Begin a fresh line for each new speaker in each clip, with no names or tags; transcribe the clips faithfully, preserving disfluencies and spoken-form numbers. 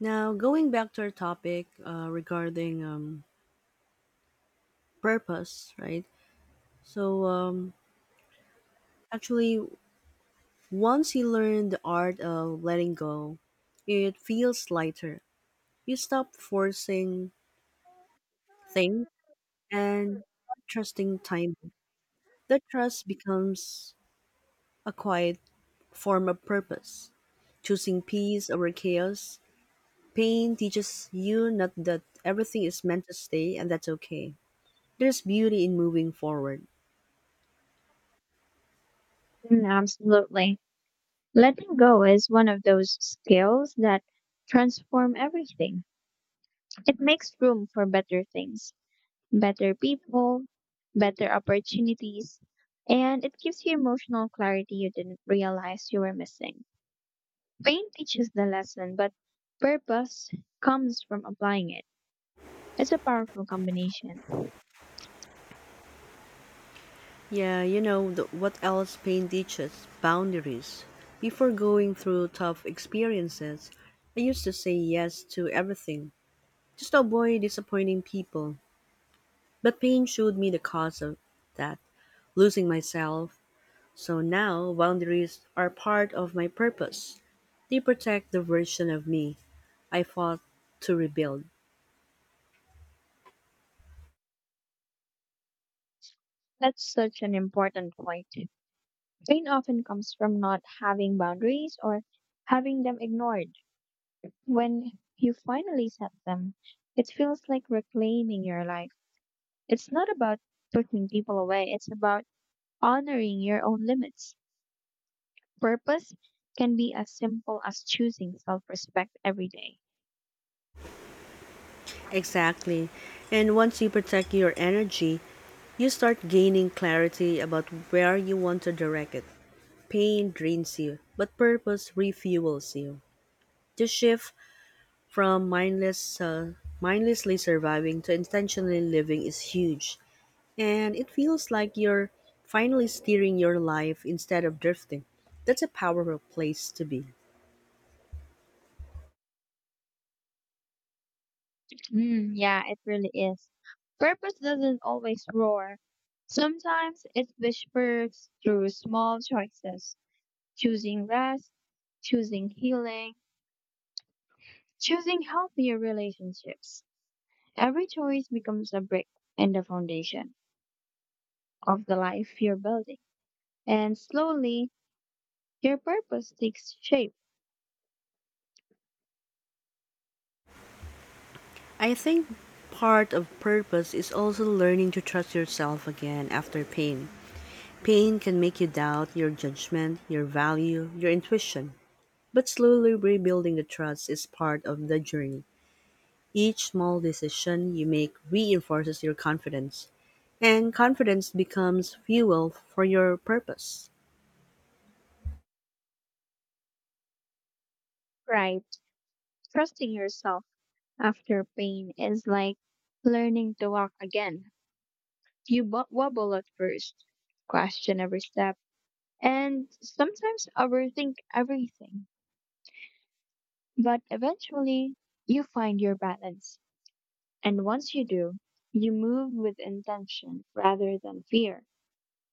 Now, going back to our topic uh, regarding um, purpose, right? So, um, actually, once you learn the art of letting go, it feels lighter. You stop forcing things and start trusting time. That trust becomes a quiet form of purpose. Choosing peace over chaos, pain teaches you not that everything is meant to stay and that's okay. There's beauty in moving forward.
Mm, absolutely. Letting go is one of those skills that transform everything. It makes room for better things, better people, better opportunities, and it gives you emotional clarity you didn't realize you were missing. Pain teaches the lesson, but purpose comes from applying it. It's a powerful combination.
Yeah, you know, the, what else pain teaches? Boundaries. Before going through tough experiences, I used to say yes to everything, just to avoid disappointing people. But pain showed me the cause of that, losing myself. So now, boundaries are part of my purpose. They protect the version of me I fought to rebuild.
That's such an important point. Pain often comes from not having boundaries or having them ignored. When you finally set them, it feels like reclaiming your life. It's not about pushing people away, it's about honoring your own limits. Purpose can be as simple as choosing self respect every day.
Exactly. And once you protect your energy, you start gaining clarity about where you want to direct it. Pain drains you, but purpose refuels you. The shift from mindless, uh, mindlessly surviving to intentionally living is huge, and it feels like you're finally steering your life instead of drifting. That's a powerful place to be.
Mm, yeah, it really is. Purpose doesn't always roar. Sometimes it whispers through small choices, choosing rest, choosing healing, choosing healthier relationships. Every choice becomes a brick in the foundation of the life you're building. And slowly, your purpose takes shape,
I think part of purpose is also learning to trust yourself again after pain. Pain can make you doubt your judgment, your value, your intuition. But slowly rebuilding the trust is part of the journey. Each small decision you make reinforces your confidence, and confidence becomes fuel for your purpose.
right? Trusting yourself after pain is like learning to walk again. You bo- wobble at first, question every step, and sometimes overthink everything. But eventually, you find your balance. And once you do, you move with intention rather than fear.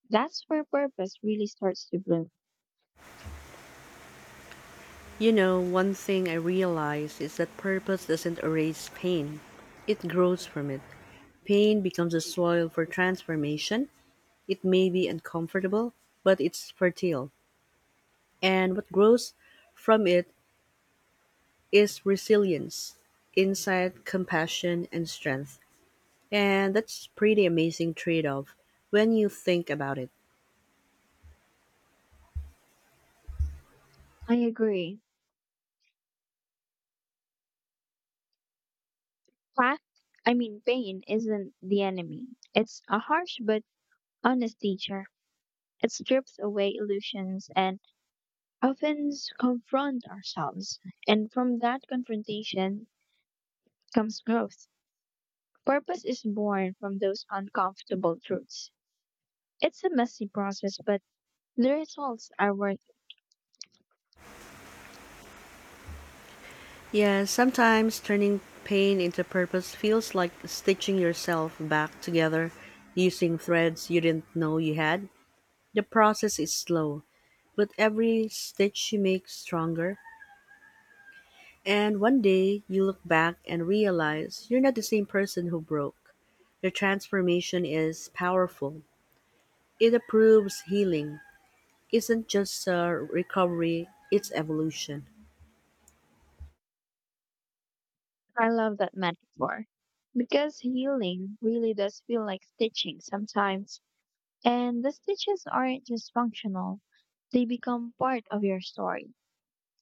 That's where purpose really starts to bloom.
You know, one thing I realize is that purpose doesn't erase pain, it grows from it. Pain becomes a soil for transformation. It may be uncomfortable, but it's fertile. And what grows from it is resilience, insight, compassion, and strength. And that's pretty amazing trade off when you think about it.
I agree. Fact, I mean, pain isn't the enemy. It's a harsh but honest teacher. It strips away illusions and often confront ourselves. And from that confrontation comes growth. Purpose is born from those uncomfortable truths. It's a messy process, but the results are worth it.
Yeah, sometimes turning pain into purpose feels like stitching yourself back together using threads you didn't know you had. The process is slow, but every stitch you make stronger. And one day you look back and realize you're not the same person who broke. The transformation is powerful. It proves healing. Isn't just a recovery, it's evolution.
I love that metaphor because healing really does feel like stitching sometimes. And the stitches aren't just functional, they become part of your story.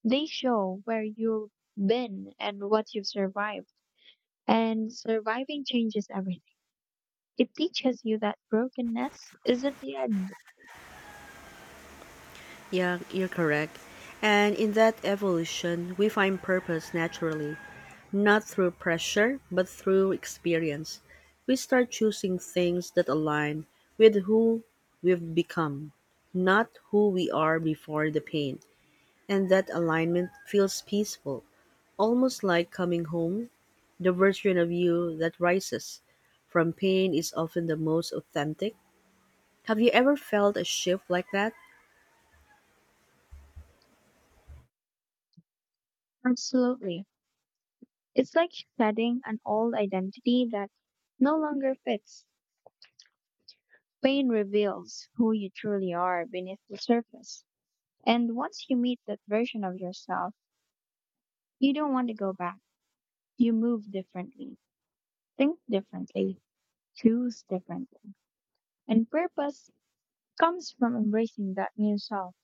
They show where you've been and what you've survived. And surviving changes everything. It teaches you that brokenness isn't the end.
Yeah, you're correct. And in that evolution, we find purpose naturally, not through pressure, but through experience. We start choosing things that align with who we've become, not who we are before the pain. And that alignment feels peaceful, almost like coming home. The version of you that rises from pain is often the most authentic. Have you ever felt a shift like that?
Absolutely. It's like shedding an old identity that no longer fits. Pain reveals who you truly are beneath the surface. And once you meet that version of yourself, you don't want to go back. You move differently, think differently, choose differently. And purpose comes from embracing that new self.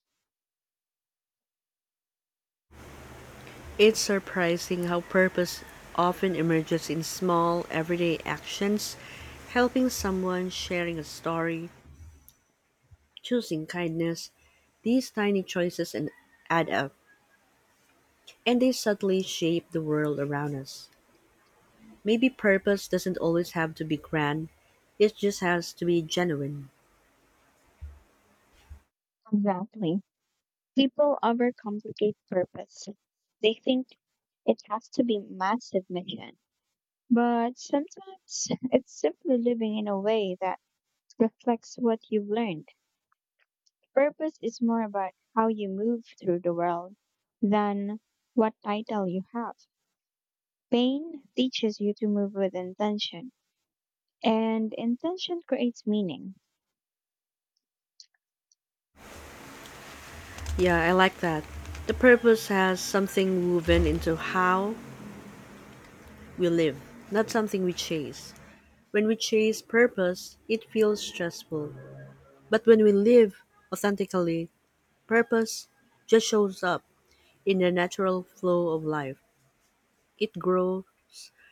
It's surprising how purpose often emerges in small, everyday actions helping someone, sharing a story, choosing kindness. These tiny choices and add up, and they subtly shape the world around us. Maybe purpose doesn't always have to be grand, it just has to be genuine.
Exactly. People overcomplicate purpose. They think it has to be massive mission. But sometimes it's simply living in a way that reflects what you've learned. Purpose is more about how you move through the world than what title you have. Pain teaches you to move with intention, and intention creates meaning.
Yeah, I like that. The purpose has something woven into how we live, not something we chase. When we chase purpose, it feels stressful. But when we live authentically, purpose just shows up in the natural flow of life. It grows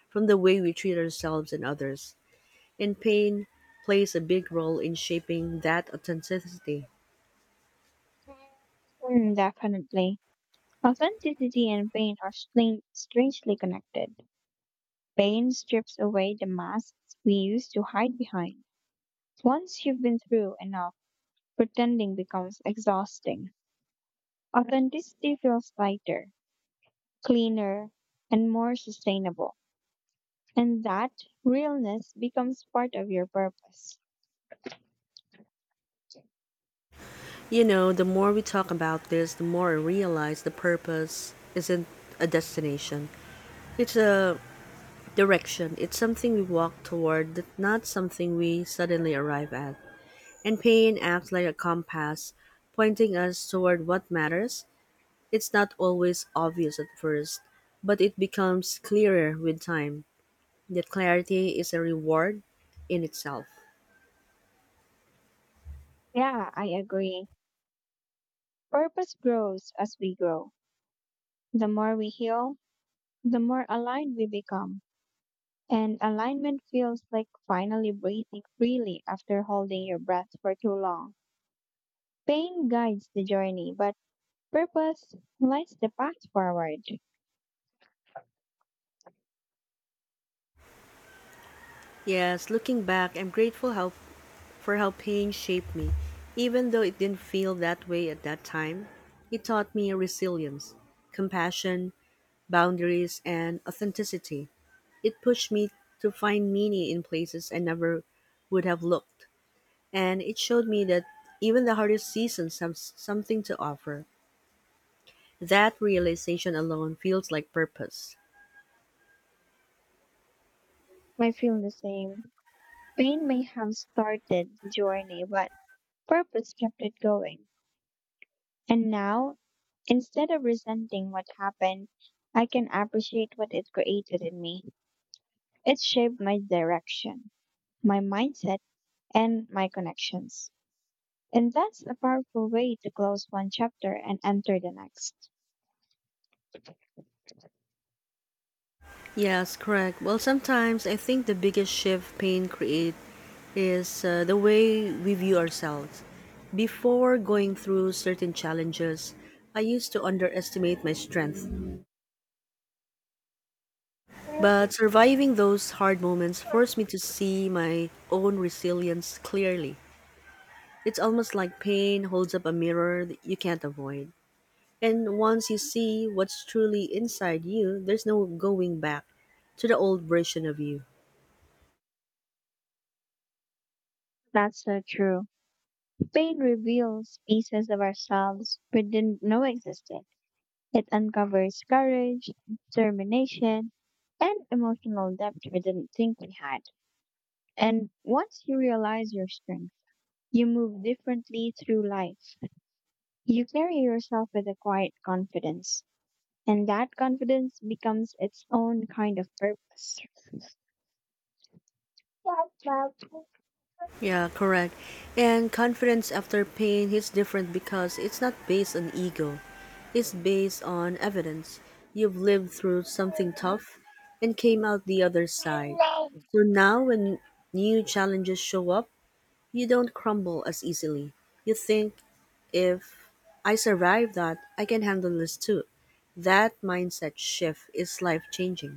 from the way we treat ourselves and others. And pain plays a big role in shaping that authenticity.
Mm, definitely. Authenticity and pain are stran- strangely connected. Pain strips away the masks we used to hide behind. Once you've been through enough, pretending becomes exhausting. Authenticity feels lighter, cleaner, and more sustainable. And that realness becomes part of your purpose.
You know, the more we talk about this, the more I realize the purpose isn't a destination. It's a direction. It's something we walk toward, not something we suddenly arrive at. And pain acts like a compass, pointing us toward what matters. It's not always obvious at first, but it becomes clearer with time. That clarity is a reward in itself.
Yeah, I agree. Purpose grows as we grow. The more we heal, the more aligned we become. And alignment feels like finally breathing freely after holding your breath for too long. Pain guides the journey, but purpose lights the path forward.
Yes, looking back, I'm grateful how for how pain shaped me. Even though it didn't feel that way at that time, it taught me resilience, compassion, boundaries, and authenticity. It pushed me to find meaning in places I never would have looked. And it showed me that even the hardest seasons have s- something to offer. That realization alone feels like purpose.
I feel the same. Pain may have started the journey, but purpose kept it going. And now, instead of resenting what happened, I can appreciate what it created in me. It shaped my direction, my mindset, and my connections. And that's a powerful way to close one chapter and enter the next.
Yes, correct. Well, sometimes I think the biggest shift pain create is uh, the way we view ourselves. Before going through certain challenges, I used to underestimate my strength. But surviving those hard moments forced me to see my own resilience clearly. It's almost like pain holds up a mirror that you can't avoid. And once you see what's truly inside you, there's no going back to the old version of you.
That's so true. Pain reveals pieces of ourselves we didn't know existed. It uncovers courage, determination, and emotional depth we didn't think we had. And once you realize your strength, you move differently through life. You carry yourself with a quiet confidence, and that confidence becomes its own kind of purpose.
Yeah, correct. And confidence after pain hits different because it's not based on ego, it's based on evidence. You've lived through something tough and came out the other side. So now, when new challenges show up, you don't crumble as easily. You think, if I survive that, I can handle this too. That mindset shift is life changing.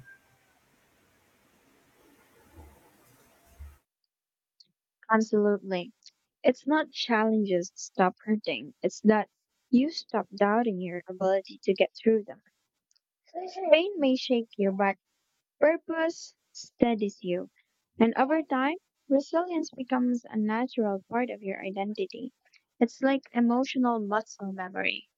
Absolutely. It's not challenges stop hurting, it's that you stop doubting your ability to get through them. Pain may shake you, but purpose steadies you. And over time, resilience becomes a natural part of your identity. It's like emotional muscle memory.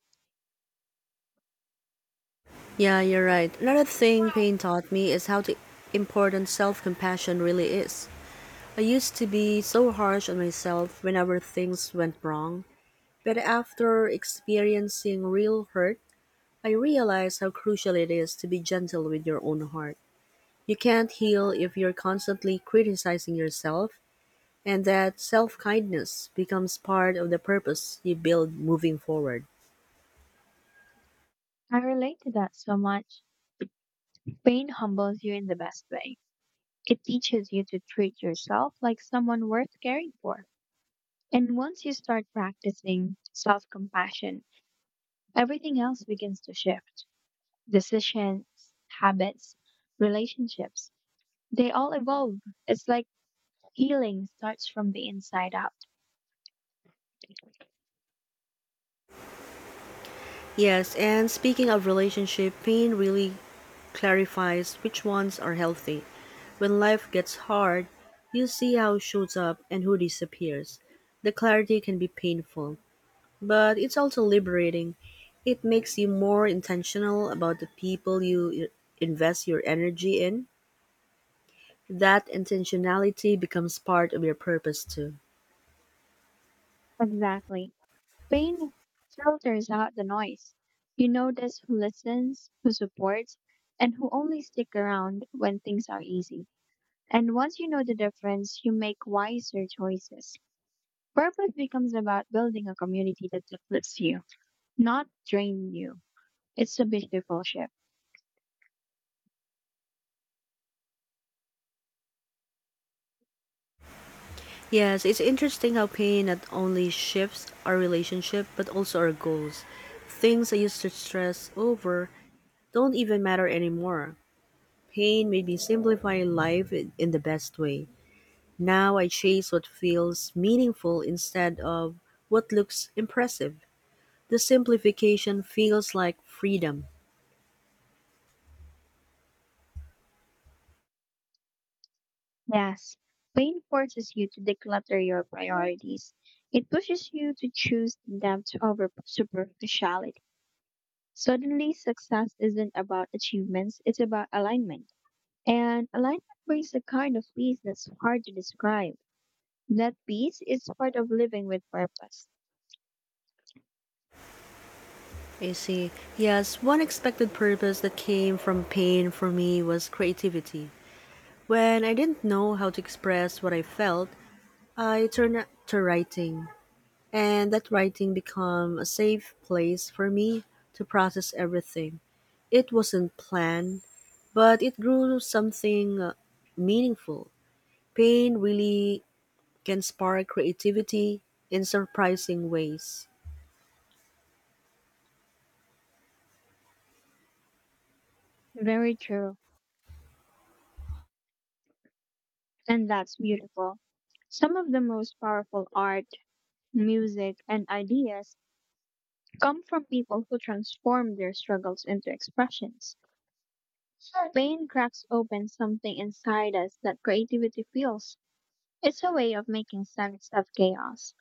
Yeah, you're right. Another thing pain taught me is how the important self compassion really is. I used to be so harsh on myself whenever things went wrong, but after experiencing real hurt, I realized how crucial it is to be gentle with your own heart. You can't heal if you're constantly criticizing yourself and that self-kindness becomes part of the purpose you build moving forward.
I relate to that so much. Pain humbles you in the best way. It teaches you to treat yourself like someone worth caring for. And once you start practicing self compassion, everything else begins to shift. Decisions, habits, relationships, they all evolve. It's like healing starts from the inside out.
Yes, and speaking of relationship, pain really clarifies which ones are healthy. When life gets hard, you see how shows up and who disappears. The clarity can be painful, but it's also liberating. It makes you more intentional about the people you invest your energy in. That intentionality becomes part of your purpose too.
Exactly. Pain filters out the noise. You notice who listens, who supports, and who only stick around when things are easy. And once you know the difference, you make wiser choices. Purpose becomes about building a community that uplifts you, not drain you. It's a beautiful shift.
Yes, it's interesting how pain not only shifts our relationship but also our goals. Things I used to stress over don't even matter anymore. Pain made me simplify life in in the best way. Now I chase what feels meaningful instead of what looks impressive. The simplification feels like freedom.
Yes, pain forces you to declutter your priorities. It pushes you to choose depth over superficiality. Suddenly, success isn't about achievements, it's about alignment. And alignment brings a kind of peace that's hard to describe. That peace is part of living with purpose. Yep.
I see. Yes, one expected purpose that came from pain for me was creativity. When I didn't know how to express what I felt, I turned to writing, and that writing became a safe place for me to process everything. It wasn't planned, but it grew something uh, meaningful. Pain really can spark creativity in surprising ways.
Yep. Very true. And that's beautiful. Some of the most powerful art, music, and ideas come from people who transform their struggles into expressions. Pain cracks open something inside us that creativity feels. It's a way of making sense of chaos.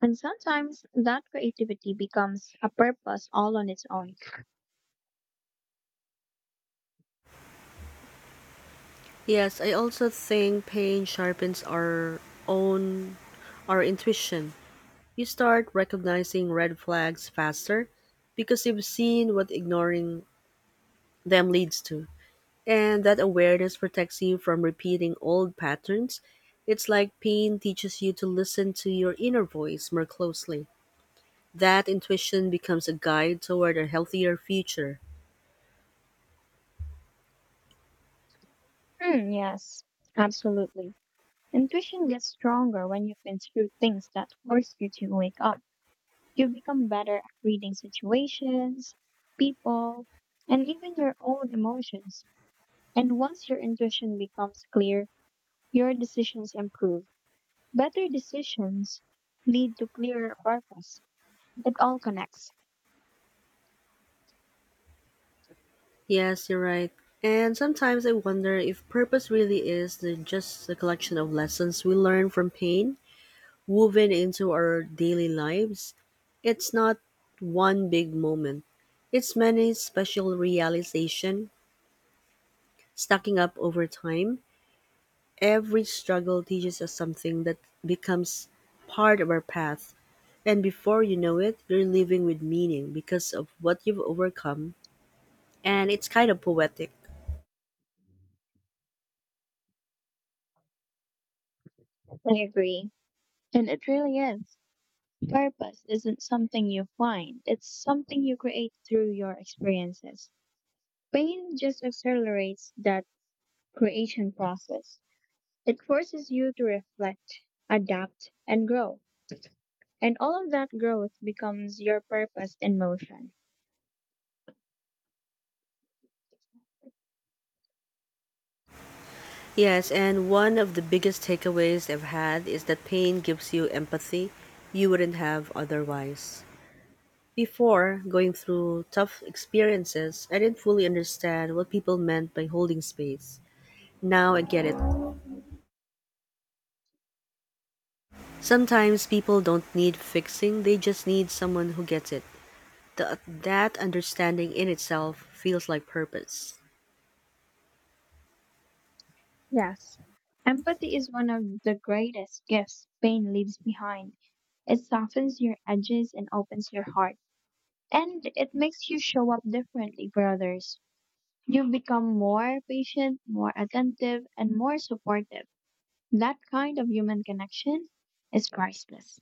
And sometimes that creativity becomes a purpose all on its own.
Yes, I also think pain sharpens our own our intuition. You start recognizing red flags faster because you've seen what ignoring them leads to. And that awareness protects you from repeating old patterns. It's like pain teaches you to listen to your inner voice more closely. That intuition becomes a guide toward a healthier future.
Hmm, yes, absolutely. Intuition gets stronger when you've been through things that force you to wake up. You become better at reading situations, people, and even your own emotions. And once your intuition becomes clear, your decisions improve. Better decisions lead to clearer purpose. It all connects.
Yes, you're right. And sometimes I wonder if purpose really is the, just a collection of lessons we learn from pain woven into our daily lives. It's not one big moment. It's many special realization stacking up over time. Every struggle teaches us something that becomes part of our path. And before you know it, you're living with meaning because of what you've overcome. And it's kind of poetic.
I agree. And it really is. Purpose isn't something you find, it's something you create through your experiences. Pain just accelerates that creation process. It forces you to reflect, adapt, and grow. And all of that growth becomes your purpose in motion.
Yes, and one of the biggest takeaways I've had is that pain gives you empathy you wouldn't have otherwise. Before going through tough experiences, I didn't fully understand what people meant by holding space. Now I get it. Sometimes people don't need fixing, they just need someone who gets it. Th- that understanding in itself feels like purpose.
Yes, empathy is one of the greatest gifts pain leaves behind. It softens your edges and opens your heart. And it makes you show up differently for others. You've become more patient, more attentive, and more supportive. That kind of human connection is priceless.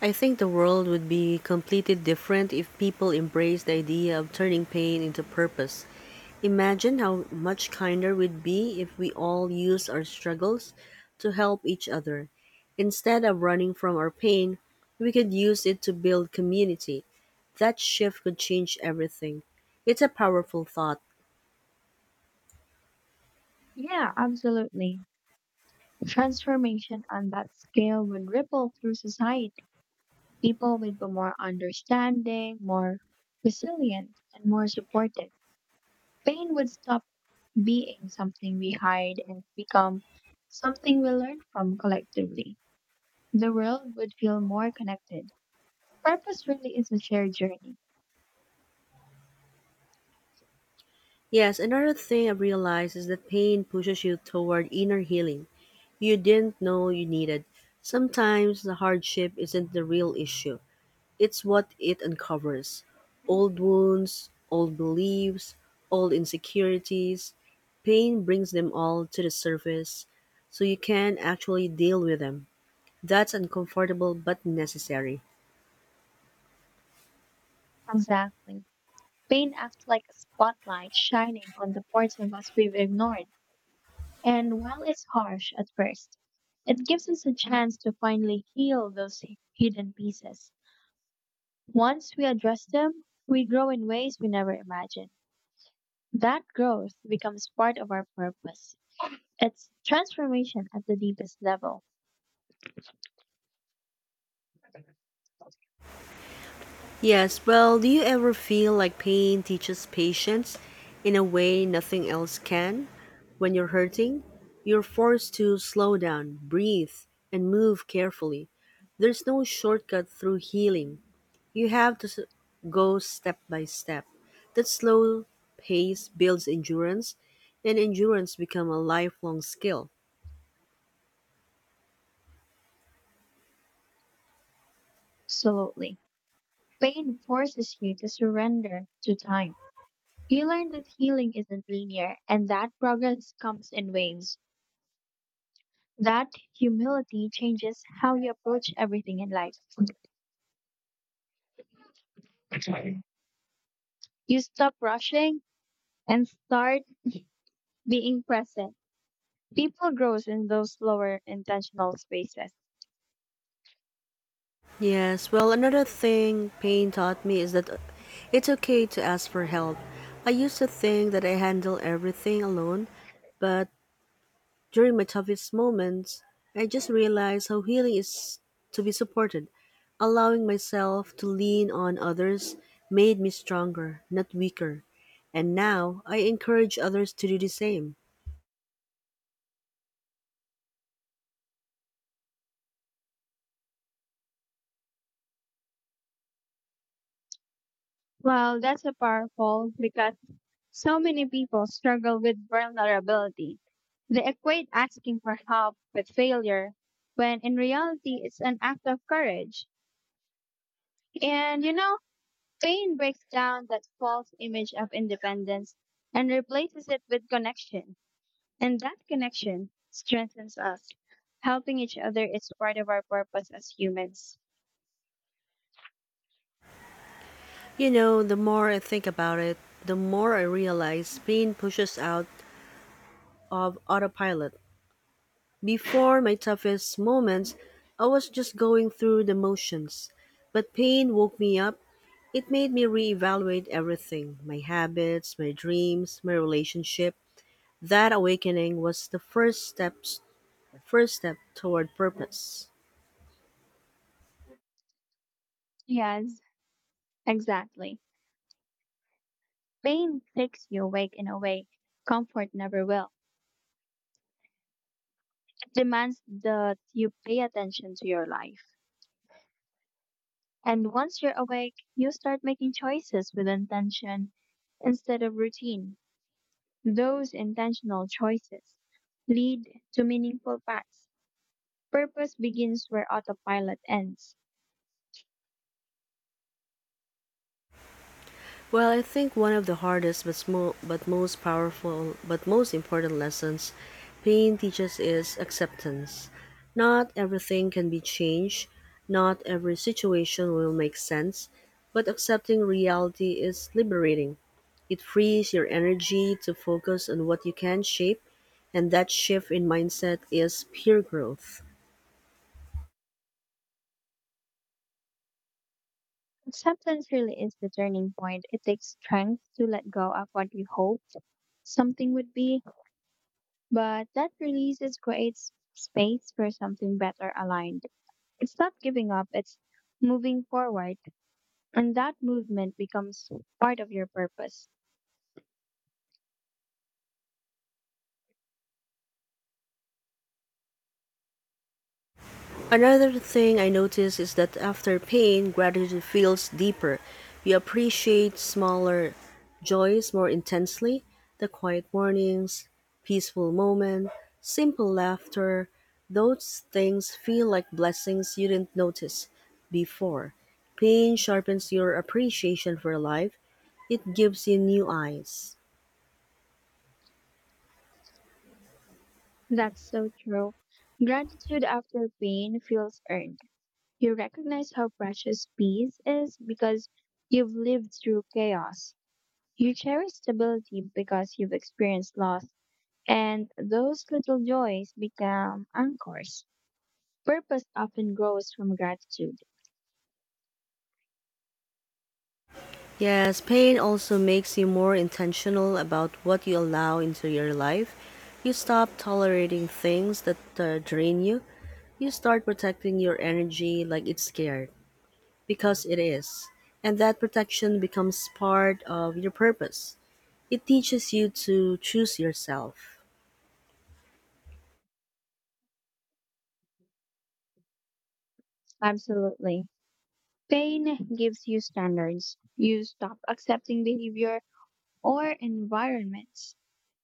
I think the world would be completely different if people embraced the idea of turning pain into purpose. Imagine how much kinder we'd be if we all used our struggles to help each other. Instead of running from our pain, we could use it to build community. That shift could change everything. It's a powerful thought.
Yeah, absolutely. Transformation on that scale would ripple through society. People would be more understanding, more resilient, and more supportive. Pain would stop being something we hide and become something we learn from collectively. The world would feel more connected. Purpose really is a shared journey.
Yes, another thing I've realized is that pain pushes you toward inner healing you didn't know you needed. Sometimes the hardship isn't the real issue, it's what it uncovers old wounds, old beliefs, old insecurities. Pain brings them all to the surface so you can actually deal with them. That's uncomfortable but necessary.
Exactly. Pain acts like a spotlight shining on the parts of us we've ignored. And while it's harsh at first, it gives us a chance to finally heal those hi- hidden pieces. Once we address them, we grow in ways we never imagined. That growth becomes part of our purpose. It's transformation at the deepest level.
Yes, well, do you ever feel like pain teaches patience in a way nothing else can? When you're hurting, you're forced to slow down, breathe, and move carefully. There's no shortcut through healing. You have to s- go step by step. That slow pace builds endurance, and endurance becomes a lifelong skill.
Absolutely. Pain forces you to surrender to time. You learn that healing isn't linear and that progress comes in waves. That humility changes how you approach everything in life. You stop rushing and start being present. People grows in those slower intentional spaces.
Yes, well, another thing pain taught me is that it's okay to ask for help. I used to think that I handle everything alone, but during my toughest moments, I just realized how healing is to be supported. Allowing myself to lean on others made me stronger, not weaker. And now I encourage others to do the same.
Well, that's a powerful because so many people struggle with vulnerability. They equate asking for help with failure when in reality it's an act of courage. And you know, pain breaks down that false image of independence and replaces it with connection. And that connection strengthens us. Helping each other is part of our purpose as humans.
You know, the more I think about it, the more I realize pain pushes out of autopilot. Before my toughest moments, I was just going through the motions. But pain woke me up. It made me reevaluate everything my habits, my dreams, my relationship. That awakening was the first steps first step toward purpose.
Yes, exactly. Pain takes you awake in a way comfort never will. It demands that you pay attention to your life. And once you're awake, you start making choices with intention instead of routine. Those intentional choices lead to meaningful paths. Purpose begins where autopilot ends.
Well, I think one of the hardest but, smo- but most powerful but most important lessons pain teaches is acceptance. Not everything can be changed, not every situation will make sense, but accepting reality is liberating. It frees your energy to focus on what you can shape, and that shift in mindset is pure growth.
Acceptance really is the turning point. It takes strength to let go of what you hoped something would be, but that release is creates space for something better aligned. It's not giving up, it's moving forward, and that movement becomes part of your purpose.
Another thing I notice is that after pain, gratitude feels deeper. You appreciate smaller joys more intensely, the quiet mornings, peaceful moment, simple laughter. Those things feel like blessings you didn't notice before. Pain sharpens your appreciation for life. It gives you new eyes.
That's so true. Gratitude after pain feels earned. You recognize how precious peace is because you've lived through chaos. You cherish stability because you've experienced loss, and those little joys become anchors. Purpose often grows from gratitude.
Yes, pain also makes you more intentional about what you allow into your life. You stop tolerating things that uh, drain you. You start protecting your energy like it's scared, because it is. And that protection becomes part of your purpose. It teaches you to choose yourself.
Absolutely. Pain gives you standards. You stop accepting behavior or environments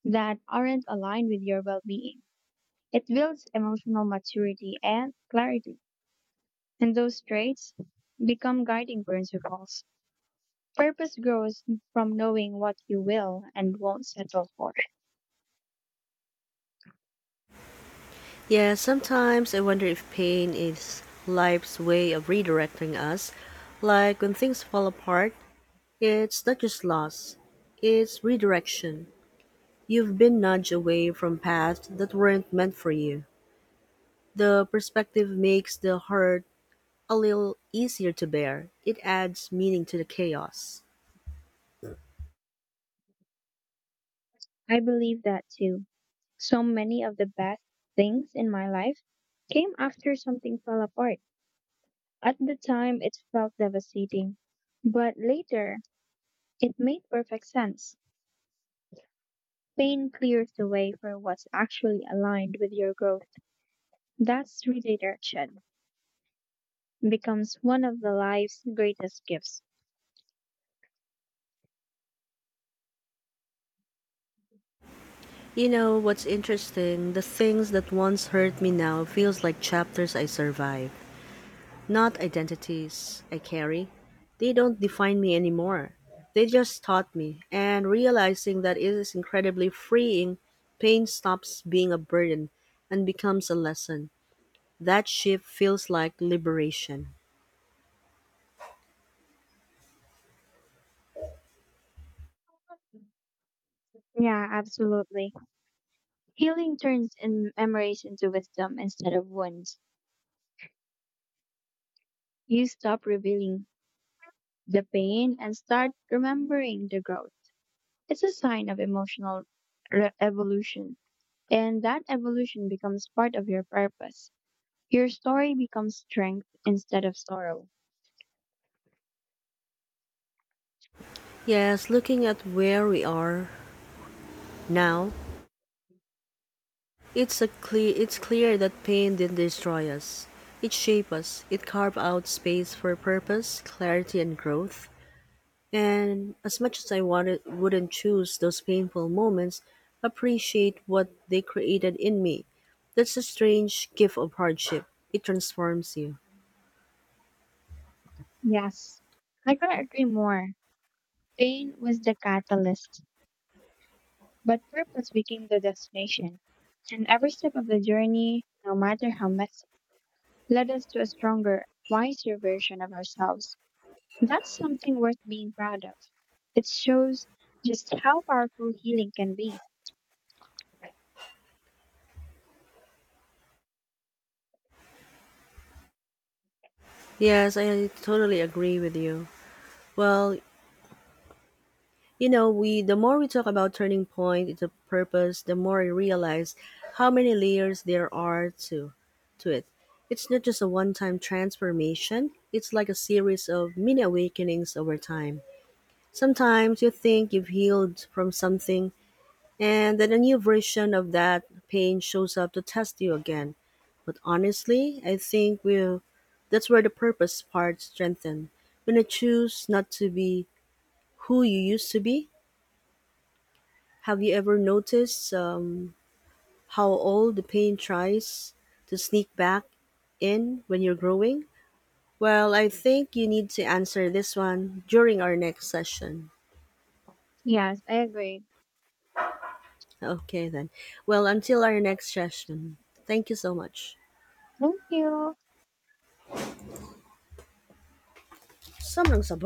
that aren't aligned with your well being. It builds emotional maturity and clarity. And those traits become guiding principles. Purpose grows from knowing what you will and won't settle for.
Yeah, sometimes I wonder if pain is life's way of redirecting us. Like when things fall apart, it's not just loss, it's redirection. You've been nudged away from paths that weren't meant for you. The perspective makes the hurt a little easier to bear. It adds meaning to the chaos.
I believe that too. So many of the best things in my life came after something fell apart. At the time, it felt devastating, but later, it made perfect sense. Pain clears the way for what's actually aligned with your growth. That's redirection becomes one of the life's greatest gifts.
You know what's interesting? The things that once hurt me now feels like chapters I survived, not identities I carry. They don't define me anymore. They just taught me, and realizing that it is incredibly freeing, pain stops being a burden and becomes a lesson. That shift feels like liberation.
Yeah, absolutely. Healing turns in memories into wisdom instead of wounds. You stop revealing the pain and start remembering the growth. It's a sign of emotional re- evolution, and that evolution becomes part of your purpose. Your story becomes strength instead of sorrow.
Yes, looking at where we are now, it's a clear it's clear that pain didn't destroy us. It shaped us. It carved out space for purpose, clarity and growth. And as much as I wanted wouldn't choose those painful moments, appreciate what they created in me. That's a strange gift of hardship. It transforms you.
Yes, I couldn't agree more. Pain was the catalyst, but purpose became the destination. And every step of the journey, no matter how messy, led us to a stronger, wiser version of ourselves. That's something worth being proud of. It shows just how powerful healing can be.
Yes, I totally agree with you. Well, you know, we the more we talk about turning point, the purpose, the more I realize how many layers there are to to it. It's not just a one-time transformation. It's like a series of mini awakenings over time. Sometimes you think you've healed from something, and then a new version of that pain shows up to test you again. But honestly, I think we that's where the purpose part strengthen. When you choose not to be who you used to be, have you ever noticed um, how all the pain tries to sneak back in when you're growing? Well, I think you need to answer this one during our next session.
Yes, I agree.
Okay, then. Well, until our next session, thank you so much.
Thank you.
Samang saba.